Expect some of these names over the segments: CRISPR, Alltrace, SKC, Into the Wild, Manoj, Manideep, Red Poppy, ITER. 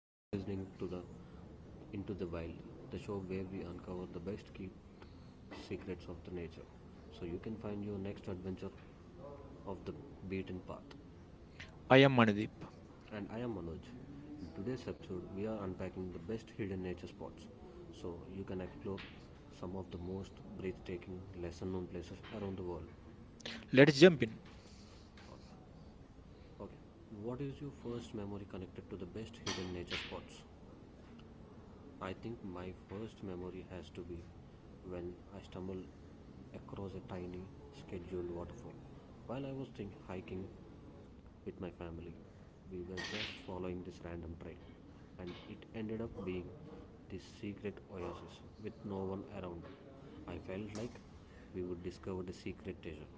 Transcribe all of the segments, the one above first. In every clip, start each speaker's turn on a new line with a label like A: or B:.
A: you're listening to the Into the Wild, the show where we uncover the best kept secrets of the nature so you can find your next adventure of the beaten path.
B: I am Manideep.
A: And I am Manoj. In today's episode, we are unpacking the best hidden nature spots so you can explore some of the most breathtaking, lesser known places around the world.
B: Let's jump in.
A: Okay, okay, what is your first memory connected to the best hidden nature spots? I think my first memory has to be when I stumbled across a tiny scheduled waterfall. While I was hiking with my family, we were just following this random trail, and it ended up being this secret oasis with no one around. I felt like we would discover the secret treasure.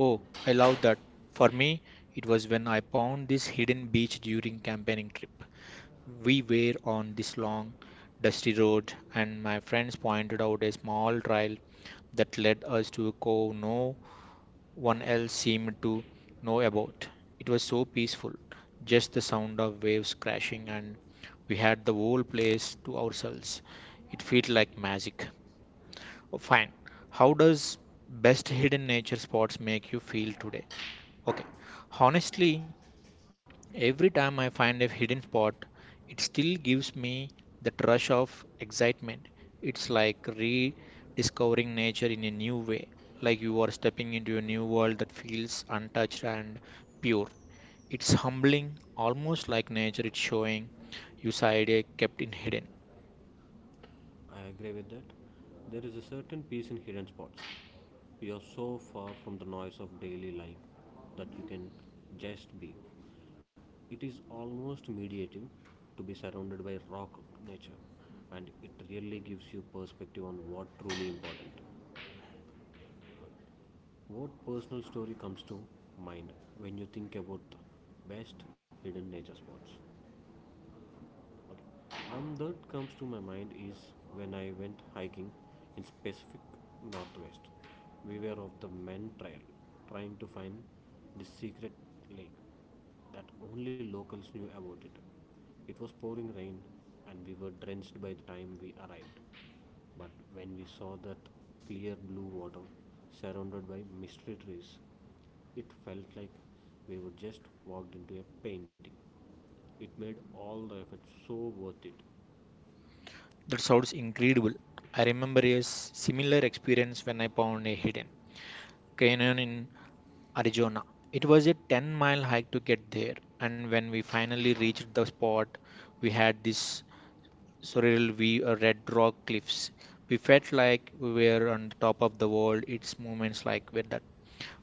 B: Oh, I love that. For me, it was when I found this hidden beach during campaigning trip. We were on this long, dusty road, and my friends pointed out a small trail that led us to a cove no one else seemed to know about. It was so peaceful, just the sound of waves crashing, and we had the whole place to ourselves. It felt like magic. Fine. How does best hidden nature spots make you feel today? Okay. Honestly, every time I find a hidden spot, it still gives me that rush of excitement. It's like rediscovering nature in a new way, like you are stepping into a new world that feels untouched and pure. It's humbling, almost like nature is showing you side A kept in hidden.
A: I agree with that. There is a certain peace in hidden spots. You are so far from the noise of daily life that you can just be. It is almost meditative to be surrounded by rock nature, and it really gives you perspective on what truly important. What personal story comes to mind when you think about the best hidden nature spots? Okay. That comes to my mind is when I went hiking in Pacific Northwest. We were of the men trail, trying to find the secret lake that only locals knew about it. It was pouring rain, and we were drenched by the time we arrived. But when we saw that clear blue water surrounded by mystery trees, it felt like we were just walked into a painting. It made all the effort so worth it.
B: That sounds incredible. I remember a similar experience when I found a hidden canyon in Arizona. It was a 10-mile hike to get there, and when we finally reached the spot, we had this surreal view of red rock cliffs. We felt like we were on the top of the world. It's moments like where that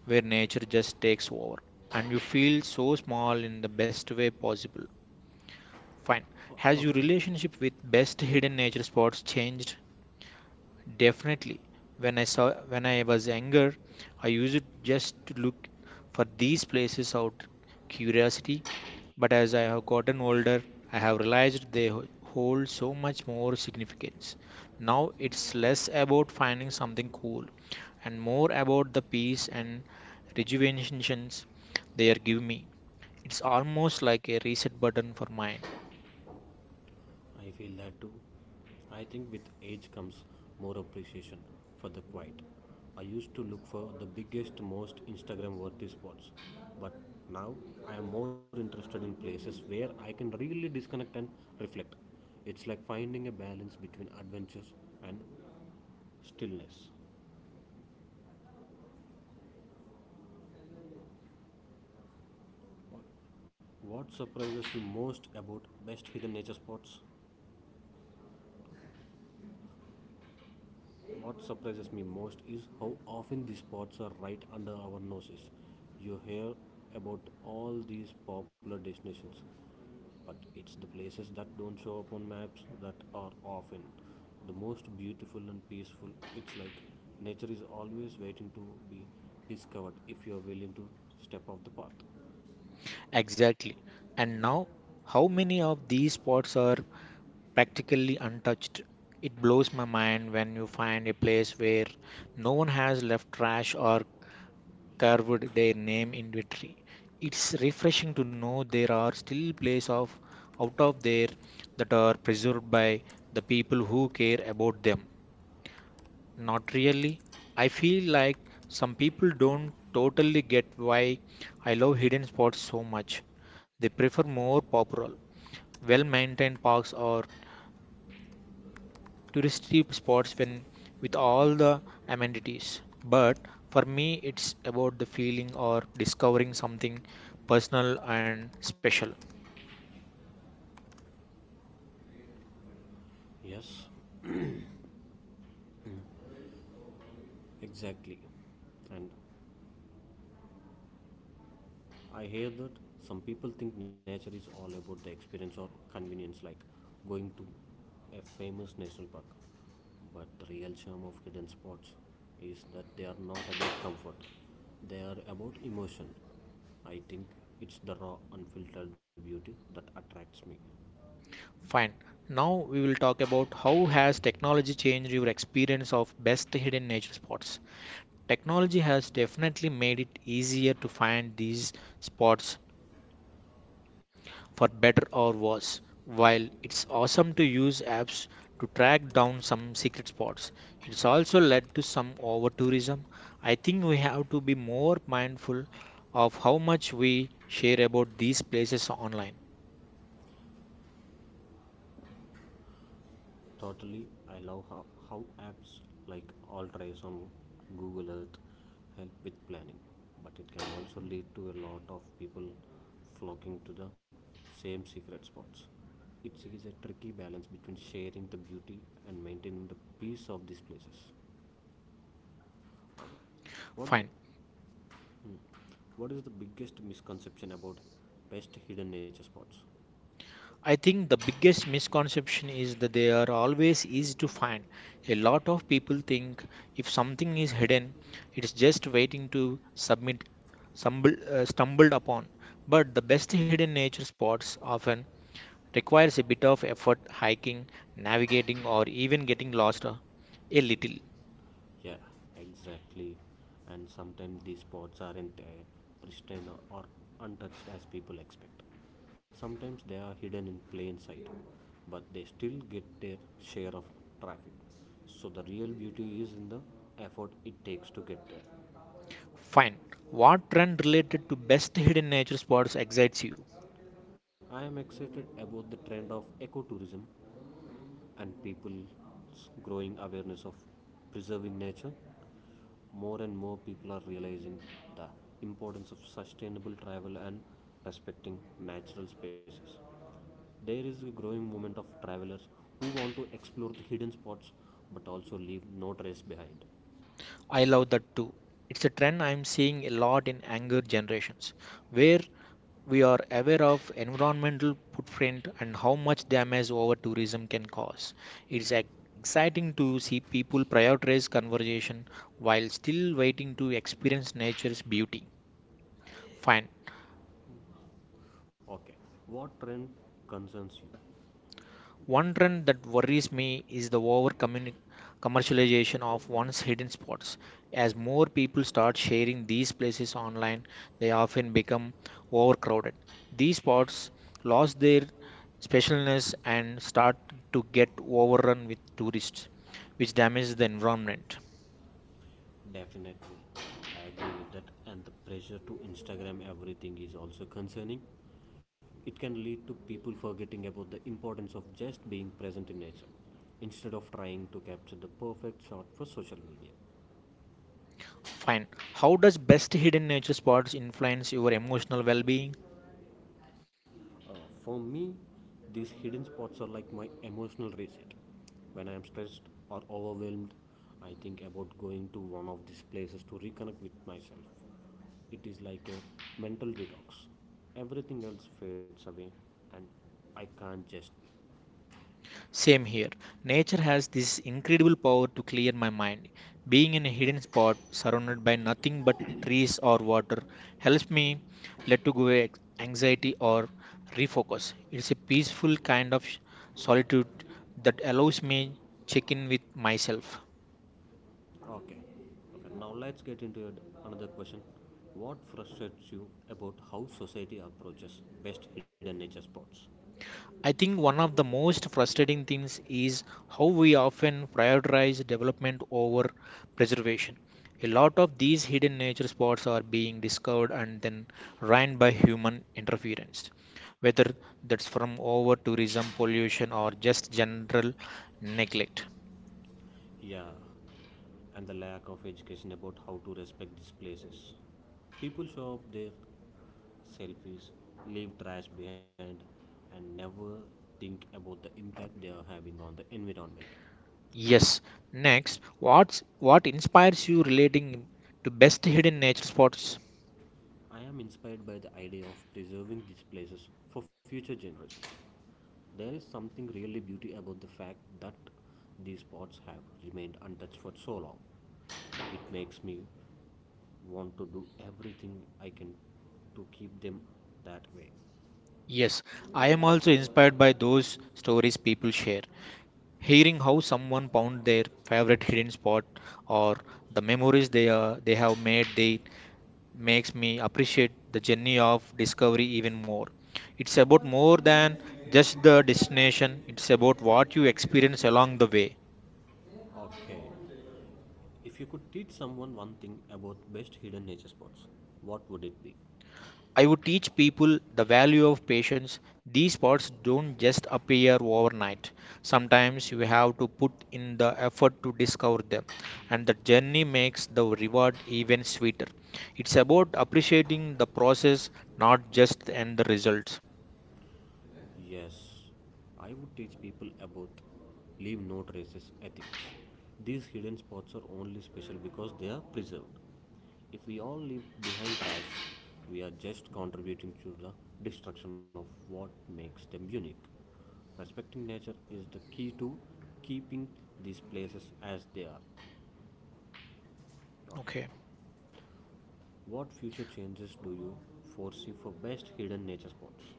B: where nature just takes over, and you feel so small in the best way possible. Fine. Has
A: Okay.
B: your relationship with best hidden nature spots changed? Definitely. When I saw when I was younger, I used it just to look for these places out curiosity, but as I have gotten older, I have realized they hold so much more significance. Now it's less about finding something cool and more about the peace and rejuvenations they are giving me. It's almost like a reset button for mind.
A: I feel that too. I think with age comes more appreciation for the quiet. I used to look for the biggest, most Instagram worthy spots, but now I am more interested in places where I can really disconnect and reflect. It's like finding a balance between adventures and stillness. What surprises you most about best hidden nature spots? What surprises me most is how often these spots are right under our noses. You hear about all these popular destinations, but it's the places that don't show up on maps that are often the most beautiful and peaceful. It's like nature is always waiting to be discovered if you are willing to step off the path.
B: Exactly. And now, how many of these spots are practically untouched. It blows my mind when you find a place where no one has left trash or carved their name into a tree. It's refreshing to know there are still places of out of there that are preserved by the people who care about them. Not really. I feel like some people don't totally get why I love hidden spots so much. They prefer more popular, well maintained parks or touristy spots when with all the amenities. But for me, it's about the feeling or discovering something personal and special.
A: Yes, exactly. And I hear that some people think nature is all about the experience or convenience, like going to a famous national park. But the real charm of hidden spots is that they are not about comfort, they are about emotion. I think it's the raw, unfiltered beauty that attracts me.
B: Fine. Now we will talk about how has technology changed your experience of best hidden nature spots. Technology has definitely made it easier to find these spots for better or worse. While it's awesome to use apps to track down some secret spots, it's also led to some over tourism. I think we have to be more mindful of how much we share about these places online.
A: Totally, I love how apps like Alltrace on Google Earth help with planning, but it can also lead to a lot of people flocking to the same secret spots. It is a tricky balance between sharing the beauty and maintaining the peace of these places. What, do-
B: Fine.
A: hmm, what is the biggest misconception about best hidden nature spots?
B: I think the biggest misconception is that they are always easy to find. A lot of people think if something is hidden, it's just waiting to submit stumbled upon. But the best hidden nature spots often requires a bit of effort hiking, navigating, or even getting lost a little.
A: Yeah, exactly. And sometimes these spots aren't pristine or untouched as people expect. Sometimes they are hidden in plain sight, but they still get their share of traffic. So the real beauty is in the effort it takes to get there.
B: Fine. What trend related to best hidden nature spots excites you?
A: I am excited about the trend of ecotourism and people's growing awareness of preserving nature, more and more people are realizing the importance of sustainable travel and respecting natural spaces. There is a growing movement of travelers who want to explore the hidden spots but also leave no trace behind.
B: I love that too. It's a trend I'm seeing a lot in younger generations, where we are aware of environmental footprint and how much damage over tourism can cause. It's ex- exciting to see people prioritize conservation while still waiting to experience nature's beauty. Fine.
A: Okay, what trend concerns you?
B: One trend that worries me is the over commercialization of one's hidden spots. As more people start sharing these places online, they often become overcrowded. These spots lose their specialness and start to get overrun with tourists, which damages the environment.
A: Definitely, I agree with that, and the pressure to Instagram everything is also concerning. It can lead to people forgetting about the importance of just being present in nature instead of trying to capture the perfect shot for social media.
B: Fine. How does best hidden nature spots influence your emotional well being?
A: Uh, for me, these hidden spots are like my emotional reset. When I am stressed or overwhelmed, I think about going to one of these places to reconnect with myself. It is like a mental detox. Everything else fades away, and I can't just be.
B: Same here. Nature has this incredible power to clear my mind. Being in a hidden spot surrounded by nothing but trees or water helps me let to go anxiety or refocus. It's a peaceful kind of solitude that allows me check in with myself.
A: Okay. Okay. Now let's get another question. What frustrates you about how society approaches best hidden nature spots?
B: I think one of the most frustrating things is how we often prioritize development over preservation. A lot of these hidden nature spots are being discovered and then ruined by human interference, whether that's from over tourism, pollution, or just general neglect.
A: Yeah. And the lack of education about how to respect these places. People show up their selfies, leave trash behind, and never think about the impact they are having on the environment.
B: Yes. Next, what inspires you relating to best hidden nature spots?
A: I am inspired by the idea of preserving these places for future generations. There is something really beauty about the fact that these spots have remained untouched for so long. It makes me want to do everything I can to keep them that way.
B: Yes, I am also inspired by those stories people share. Hearing how someone found their favorite hidden spot or the memories they have made they makes me appreciate the journey of discovery even more. It's about more than just the destination. It's about what you experience along the way.
A: Okay. If you could teach someone one thing about best hidden nature spots, what would it be?
B: I would teach people the value of patience. These spots don't just appear overnight. Sometimes you have to put in the effort to discover them, and the journey makes the reward even sweeter. It's about appreciating the process, not just the end result.
A: Yes, I would teach people about leave no traces ethics. These hidden spots are only special because they are preserved. If we all leave behind trash, we are just contributing to the destruction of what makes them unique. Respecting nature is the key to keeping these places as they are.
B: Okay.
A: What future changes do you foresee for best hidden nature spots?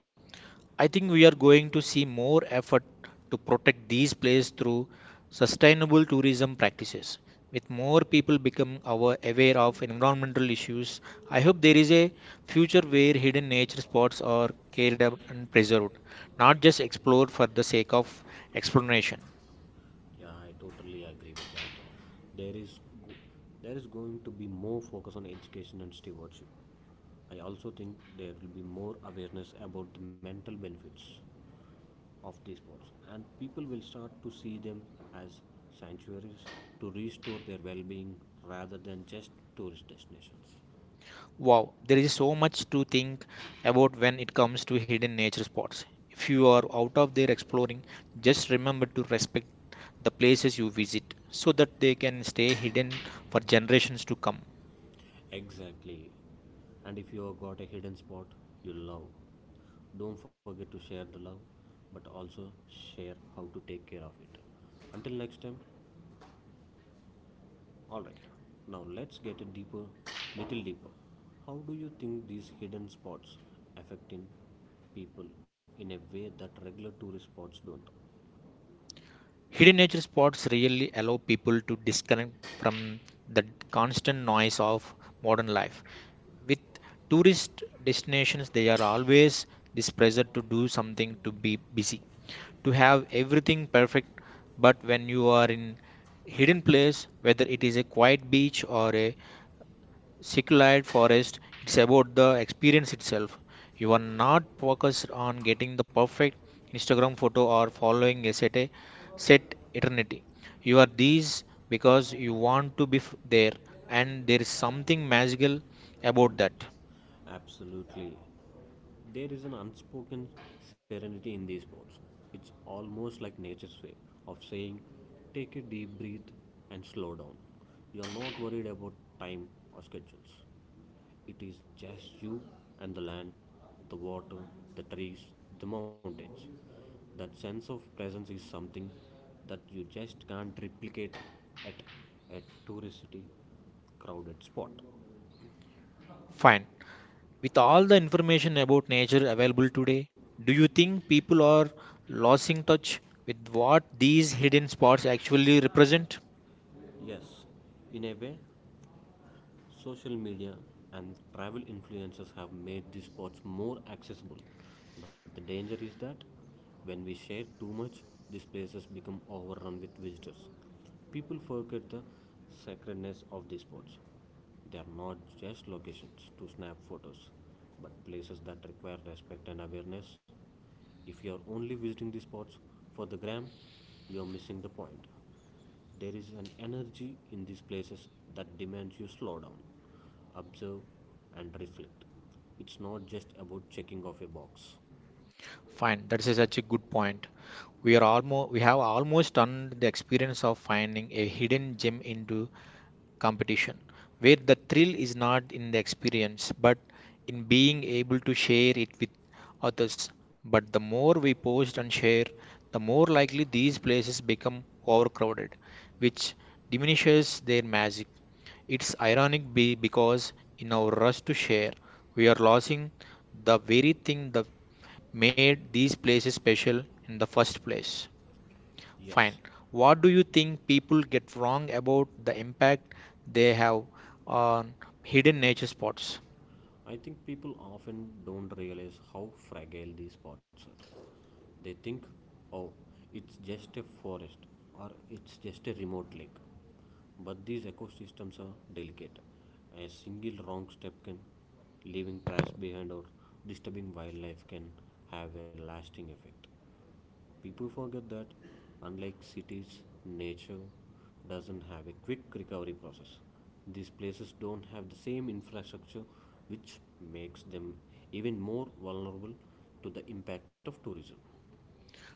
B: I think we are going to see more effort to protect these places through sustainable tourism practices. With more people become aware of environmental issues, I hope there is a future where hidden nature spots are cared up and preserved, not just explored for the sake of exploration.
A: Yeah, I totally agree with that. There is go- there is going to be more focus on education and stewardship. I also think there will be more awareness about the mental benefits of these sports, and people will start to see them as sanctuaries to restore their well-being rather than just tourist destinations.
B: Wow, there is so much to think about when it comes to hidden nature spots. If you are out of there exploring, just remember to respect the places you visit so that they can stay hidden for generations to come.
A: Exactly. And if you have got a hidden spot you love, don't forget to share the love, but also share how to take care of it. Until next time, alright. Now let's get a deeper, little deeper. How do you think these hidden spots affecting people in a way that regular tourist spots don't?
B: Hidden nature spots really allow people to disconnect from the constant noise of modern life. With tourist destinations, they are always this pressure to do something, to be busy, to have everything perfect. But when you are in hidden place, whether it is a quiet beach or a Seculied Forest, it's about the experience itself. You are not focused on getting the perfect Instagram photo or following a set eternity. You are these because you want to there, and there is something magical about that.
A: Absolutely. There is an unspoken serenity in these sports. It's almost like nature's way of saying, take a deep breath and slow down. You're not worried about time or schedules. It is just you and the land, the water, the trees, the mountains. That sense of presence is something that you just can't replicate at a touristy crowded spot.
B: Fine. With all the information about nature available today, do you think people are losing touch with what these hidden spots actually represent?
A: Yes, in a way, social media and travel influencers have made these spots more accessible, but the danger is that when we share too much, these places become overrun with visitors. People forget the sacredness of these spots. They are not just locations to snap photos, but places that require respect and awareness. If you are only visiting these spots for the gram, you are missing the point. There is an energy in these places that demands you slow down, observe, and reflect. It's not just about checking off a box.
B: Fine, that is such a good point. We have almost turned the experience of finding a hidden gem into competition, where the thrill is not in the experience but in being able to share it with others. But the more we post and share, the more likely these places become overcrowded, which diminishes their magic. It's ironic be because in our rush to share, we are losing the very thing that made these places special in the first place.
A: Yes,
B: Fine. What do you think people get wrong about the impact they have on hidden nature spots?
A: I think people often don't realize how fragile these spots are. They think, oh, it's just a forest or it's just a remote lake. But these ecosystems are delicate. A single wrong step can leaving trash behind or disturbing wildlife can have a lasting effect. People forget that, unlike cities, nature doesn't have a quick recovery process. These places don't have the same infrastructure, which makes them even more vulnerable to the impact of tourism.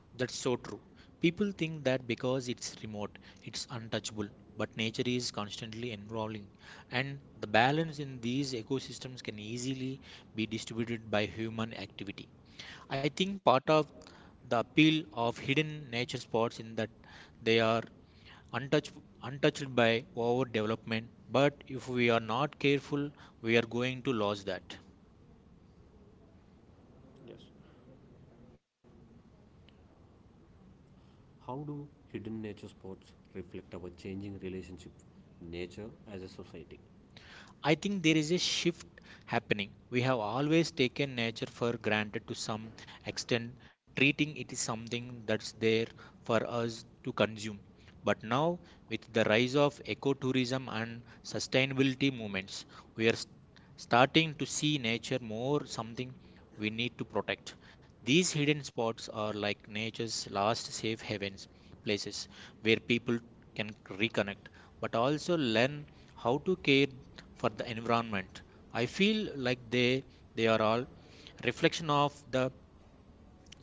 B: That's so true. People think that because it's remote, it's untouchable, but nature is constantly evolving, and the balance in these ecosystems can easily be distributed by human activity. I think part of the appeal of hidden nature spots in that they are untouched, untouched by overdevelopment. But if we are not careful, we are going to lose that.
A: Yes. How do hidden nature spots reflect our changing relationship with nature as a society?
B: I think there is a shift happening. We have always taken nature for granted to some extent, treating it is something that's there for us to consume. But now, with the rise of ecotourism and sustainability movements, we are s- starting to see nature more something we need to protect. These hidden spots are like nature's last safe havens, places where people can reconnect but also learn how to care for the environment. I feel like they are all reflection of the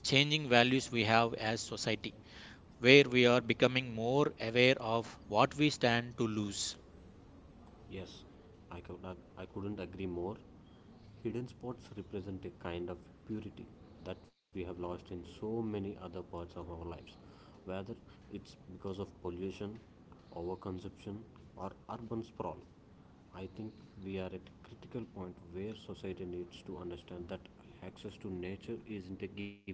B: changing values we have as society where we are becoming more aware of what we stand to lose.
A: Yes, I couldn't agree more. Hidden spots represent a kind of purity that we have lost in so many other parts of our lives, whether it's because of pollution, overconsumption, or urban sprawl. I think we are at a critical point where society needs to understand that access to nature isn't a given.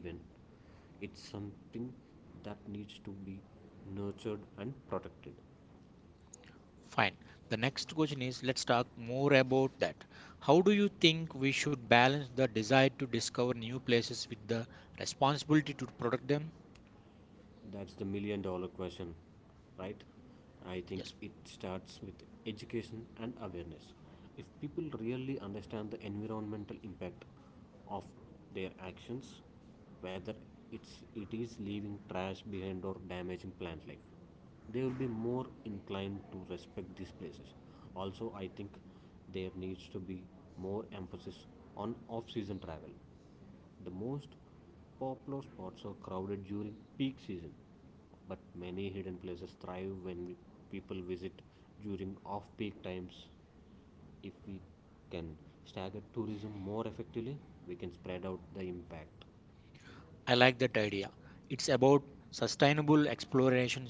A: It's something that needs to be nurtured and protected.
B: Fine. The next question is, let's talk more about that. How do you think we should balance the desire to discover new places with the responsibility to protect them?
A: That's the million dollar question, right? I think
B: Yes.
A: it starts with education and awareness. If people really understand the environmental impact of their actions, whether it is leaving trash behind or damaging plant life, they will be more inclined to respect these places. Also, I think there needs to be more emphasis on off-season travel. The most popular spots are crowded during peak season, but many hidden places thrive people visit during off peak times. If we can stagger tourism more effectively, we can spread out the impact.
B: I like that idea. It's about sustainable exploration.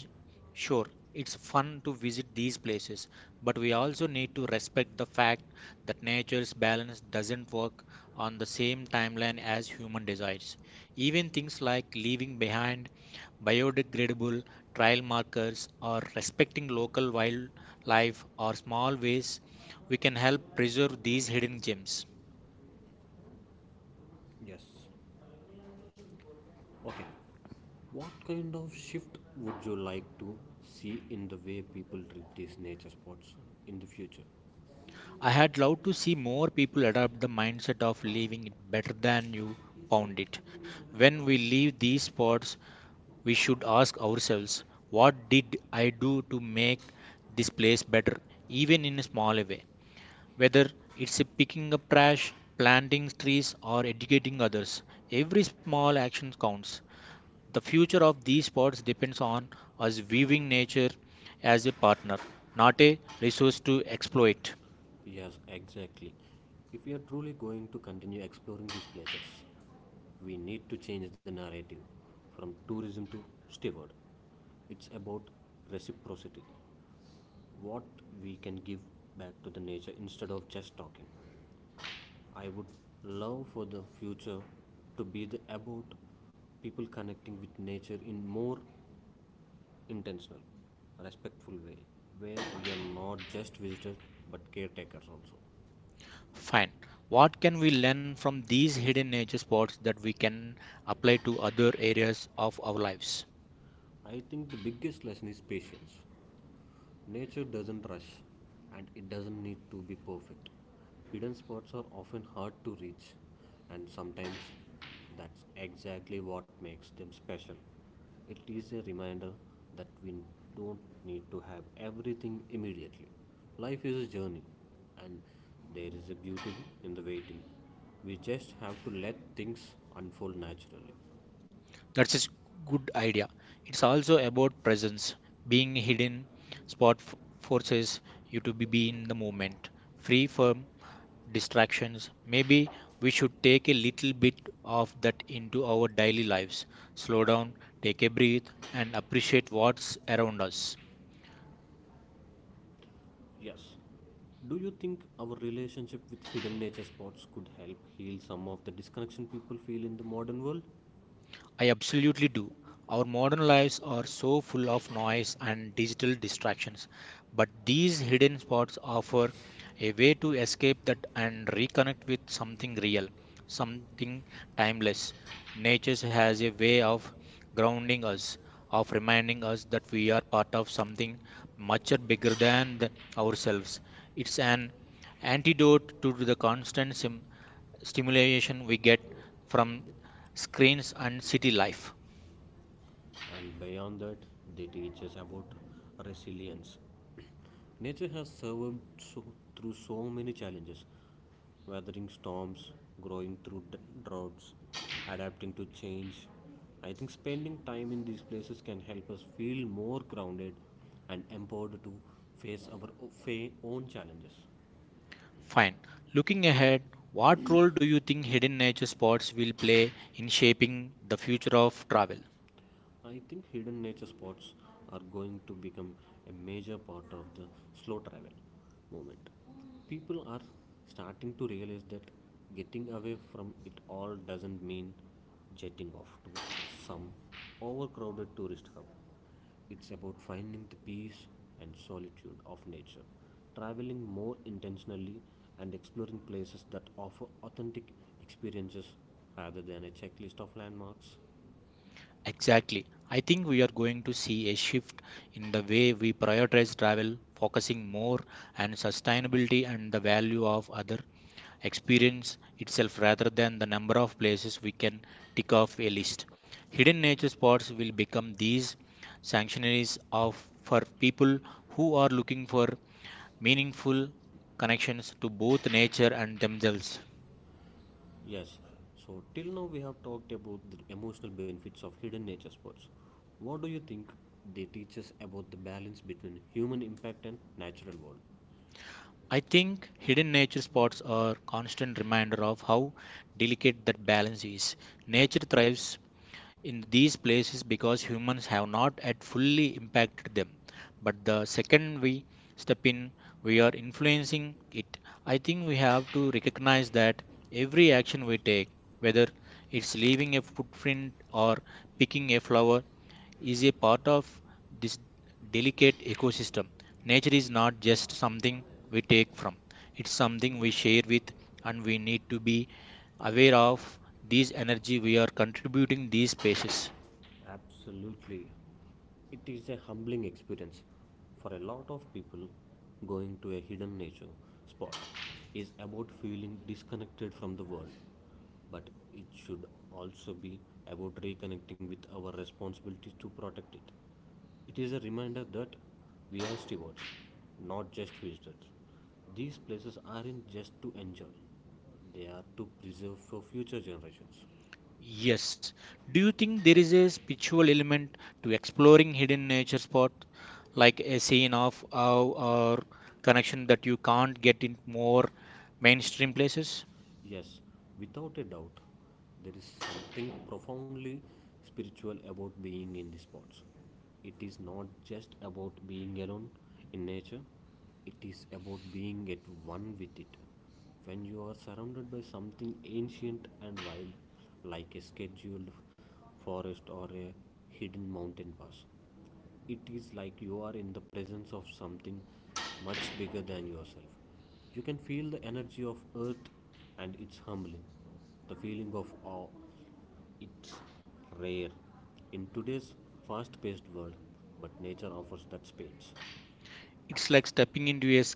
B: Sure, it's fun to visit these places, but we also need to respect the fact that nature's balance doesn't work on the same timeline as human desires. Even things like leaving behind biodegradable trail markers or respecting local wildlife are small ways we can help preserve these hidden gems.
A: Yes. Okay. What kind of shift would you like to see in the way people treat these nature spots in the future?
B: I had loved to see more people adopt the mindset of leaving it better than you found it. When we leave these spots, we should ask ourselves, what did I do to make this place better, even in a small way? Whether it's picking up trash, planting trees, or educating others, every small action counts. The future of these spots depends on us viewing nature as a partner, not a resource to exploit.
A: Yes, exactly. If we are truly going to continue exploring these places, we need to change the narrative from tourism to steward. It's about reciprocity. What we can give back to the nature instead of just talking. I would love for the future to be the about people connecting with nature in more intentional, respectful way, where we are not just visitors but caretakers also.
B: Fine. What can we learn from these hidden nature spots that we can apply to other areas of our lives?
A: I think the biggest lesson is patience. Nature doesn't rush and it doesn't need to be perfect. Hidden spots are often hard to reach, and sometimes that's exactly what makes them special. It is a reminder that we don't need to have everything immediately. Life is a journey, and there is a beauty in the waiting. We just have to let things unfold naturally.
B: That's a good idea. It's also about presence. Being hidden spot f- forces you to be in the moment, free from distractions. Maybe we should take a little bit of that into our daily lives. Slow down, take a breath, and appreciate what's around us.
A: Yes. Do you think our relationship with hidden nature spots could help heal some of the disconnection people feel in the modern world?
B: I absolutely do. Our modern lives are so full of noise and digital distractions, but these hidden spots offer a way to escape that and reconnect with something real, something timeless. Nature has a way of grounding us, of reminding us that we are part of something much bigger than ourselves. It's an antidote to the constant stimulation we get from screens and city life.
A: And beyond that, they teach us about resilience. Nature has survived so, through so many challenges, weathering storms, growing through droughts, adapting to change. I think spending time in these places can help us feel more grounded and empowered to face own challenges.
B: Fine. Looking ahead, what role do you think hidden nature spots will play in shaping the future of travel?
A: I think hidden nature spots are going to become a major part of the slow travel movement. People are starting to realize that getting away from it all doesn't mean jetting off to some overcrowded tourist hub. It's about finding the peace and solitude of nature, traveling more intentionally, and exploring places that offer authentic experiences rather than a checklist of landmarks.
B: Exactly. I think we are going to see a shift in the way we prioritize travel, focusing more on sustainability and the value of other experience itself rather than the number of places we can tick off a list. Hidden nature spots will become these sanctuaries of for people who are looking for meaningful connections to both nature and themselves.
A: Yes. So till now we have talked about the emotional benefits of hidden nature sports. What do you think they teach us about the balance between human impact and natural world?
B: I think hidden nature spots are a constant reminder of how delicate that balance is. Nature thrives in these places because humans have not yet fully impacted them. But the second we step in, we are influencing it. I think we have to recognize that every action we take, whether it's leaving a footprint or picking a flower, is a part of this delicate ecosystem. Nature is not just something we take from, it's something we share with, and we need to be aware of these energy we are contributing these spaces.
A: Absolutely. It is a humbling experience for a lot of people. Going to a hidden nature spot is about feeling disconnected from the world, but it should also be about reconnecting with our responsibilities to protect it. It is a reminder that we are stewards, not just visitors. These places aren't just to enjoy, they are to preserve for future generations.
B: Yes. Do you think there is a spiritual element to exploring hidden nature spots, like a scene of awe or connection that you can't get in more mainstream places?
A: Yes, without a doubt, there is something profoundly spiritual about being in these spots. It is not just about being alone in nature, it is about being at one with it. When you are surrounded by something ancient and wild, like a scheduled forest or a hidden mountain pass, it is like you are in the presence of something much bigger than yourself. You can feel the energy of earth and it's humbling. The feeling of awe, it's rare in today's fast paced world, but nature offers that space.
B: It's like stepping into a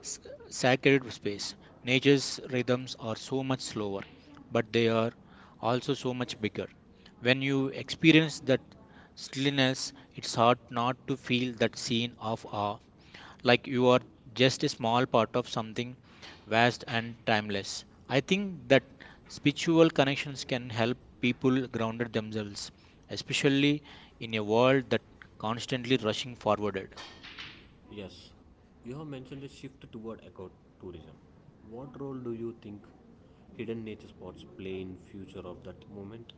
B: s- sacred space. Nature's rhythms are so much slower, but they are also so much bigger. When you experience that stillness, it's hard not to feel that scene of awe, like you are just a small part of something vast and timeless. I think that spiritual connections can help people grounded themselves, especially in a world that constantly rushing forwarded.
A: Yes, you have mentioned a shift toward ecotourism. What role do you think hidden nature spots play in future of that movement?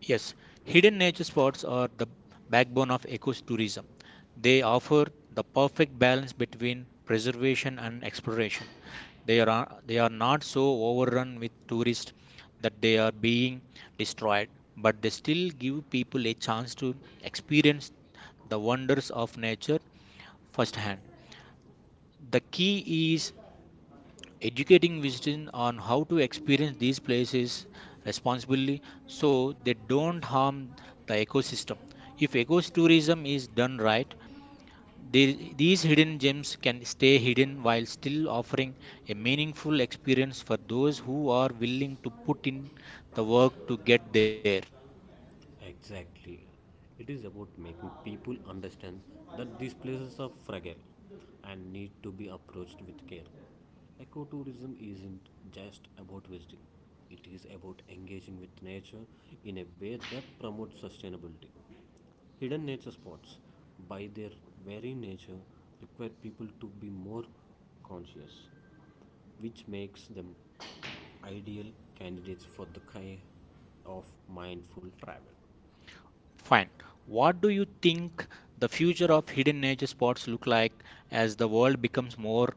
B: Yes, hidden nature spots are the backbone of ecotourism. They offer the perfect balance between preservation and exploration. They are not so overrun with tourists that they are being destroyed, but they still give people a chance to experience the wonders of nature firsthand. The key is educating visitors on how to experience these places responsibly so they don't harm the ecosystem. If ecotourism is done right, these hidden gems can stay hidden while still offering a meaningful experience for those who are willing to put in the work to get there.
A: Exactly. It is about making people understand that these places are fragile and need to be approached with care. Ecotourism isn't just about visiting, it is about engaging with nature in a way that promotes sustainability. Hidden nature spots, by their very nature, require people to be more conscious, which makes them ideal candidates for the kind of mindful travel.
B: Fine. What do you think the future of hidden nature spots look like as the world becomes more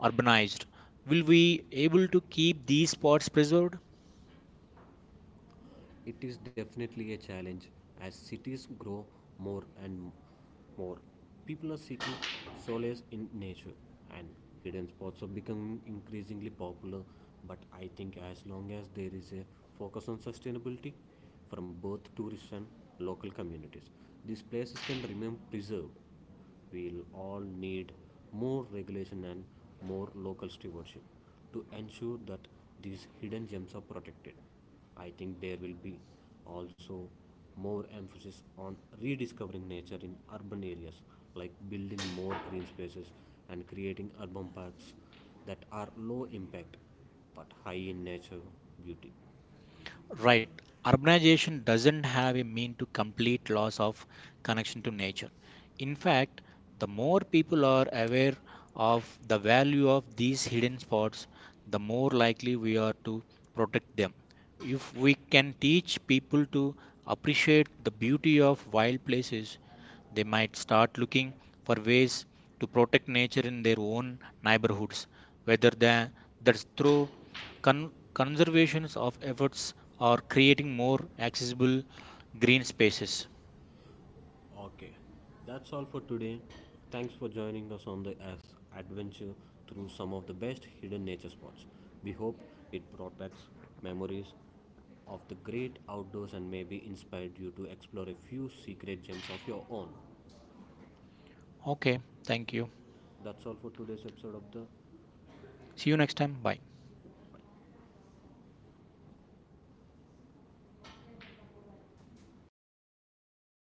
B: urbanized? Will we able to keep these spots preserved?
A: It is definitely a challenge as cities grow more and more. People are seeking solace in nature, and hidden spots are becoming increasingly popular. But I think as long as there is a focus on sustainability from both tourists and local communities, these places can remain preserved. We'll all need more regulation and more local stewardship to ensure that these hidden gems are protected. I think there will be also more emphasis on rediscovering nature in urban areas, like building more green spaces and creating urban parks that are low impact but high in nature beauty.
B: Right. Urbanization doesn't have a mean to complete loss of connection to nature. In fact, the more people are aware of the value of these hidden spots, the more likely we are to protect them. If we can teach people to appreciate the beauty of wild places, they might start looking for ways to protect nature in their own neighborhoods, whether that's through conservation of efforts or creating more accessible green spaces.
A: Okay, that's all for today. Thanks for joining us on the as adventure through some of the best hidden nature spots. We hope it brought back memories of the great outdoors and maybe inspired you to explore a few secret gems of your own.
B: Okay, thank you.
A: That's all for today's episode of the
B: See you next time. Bye.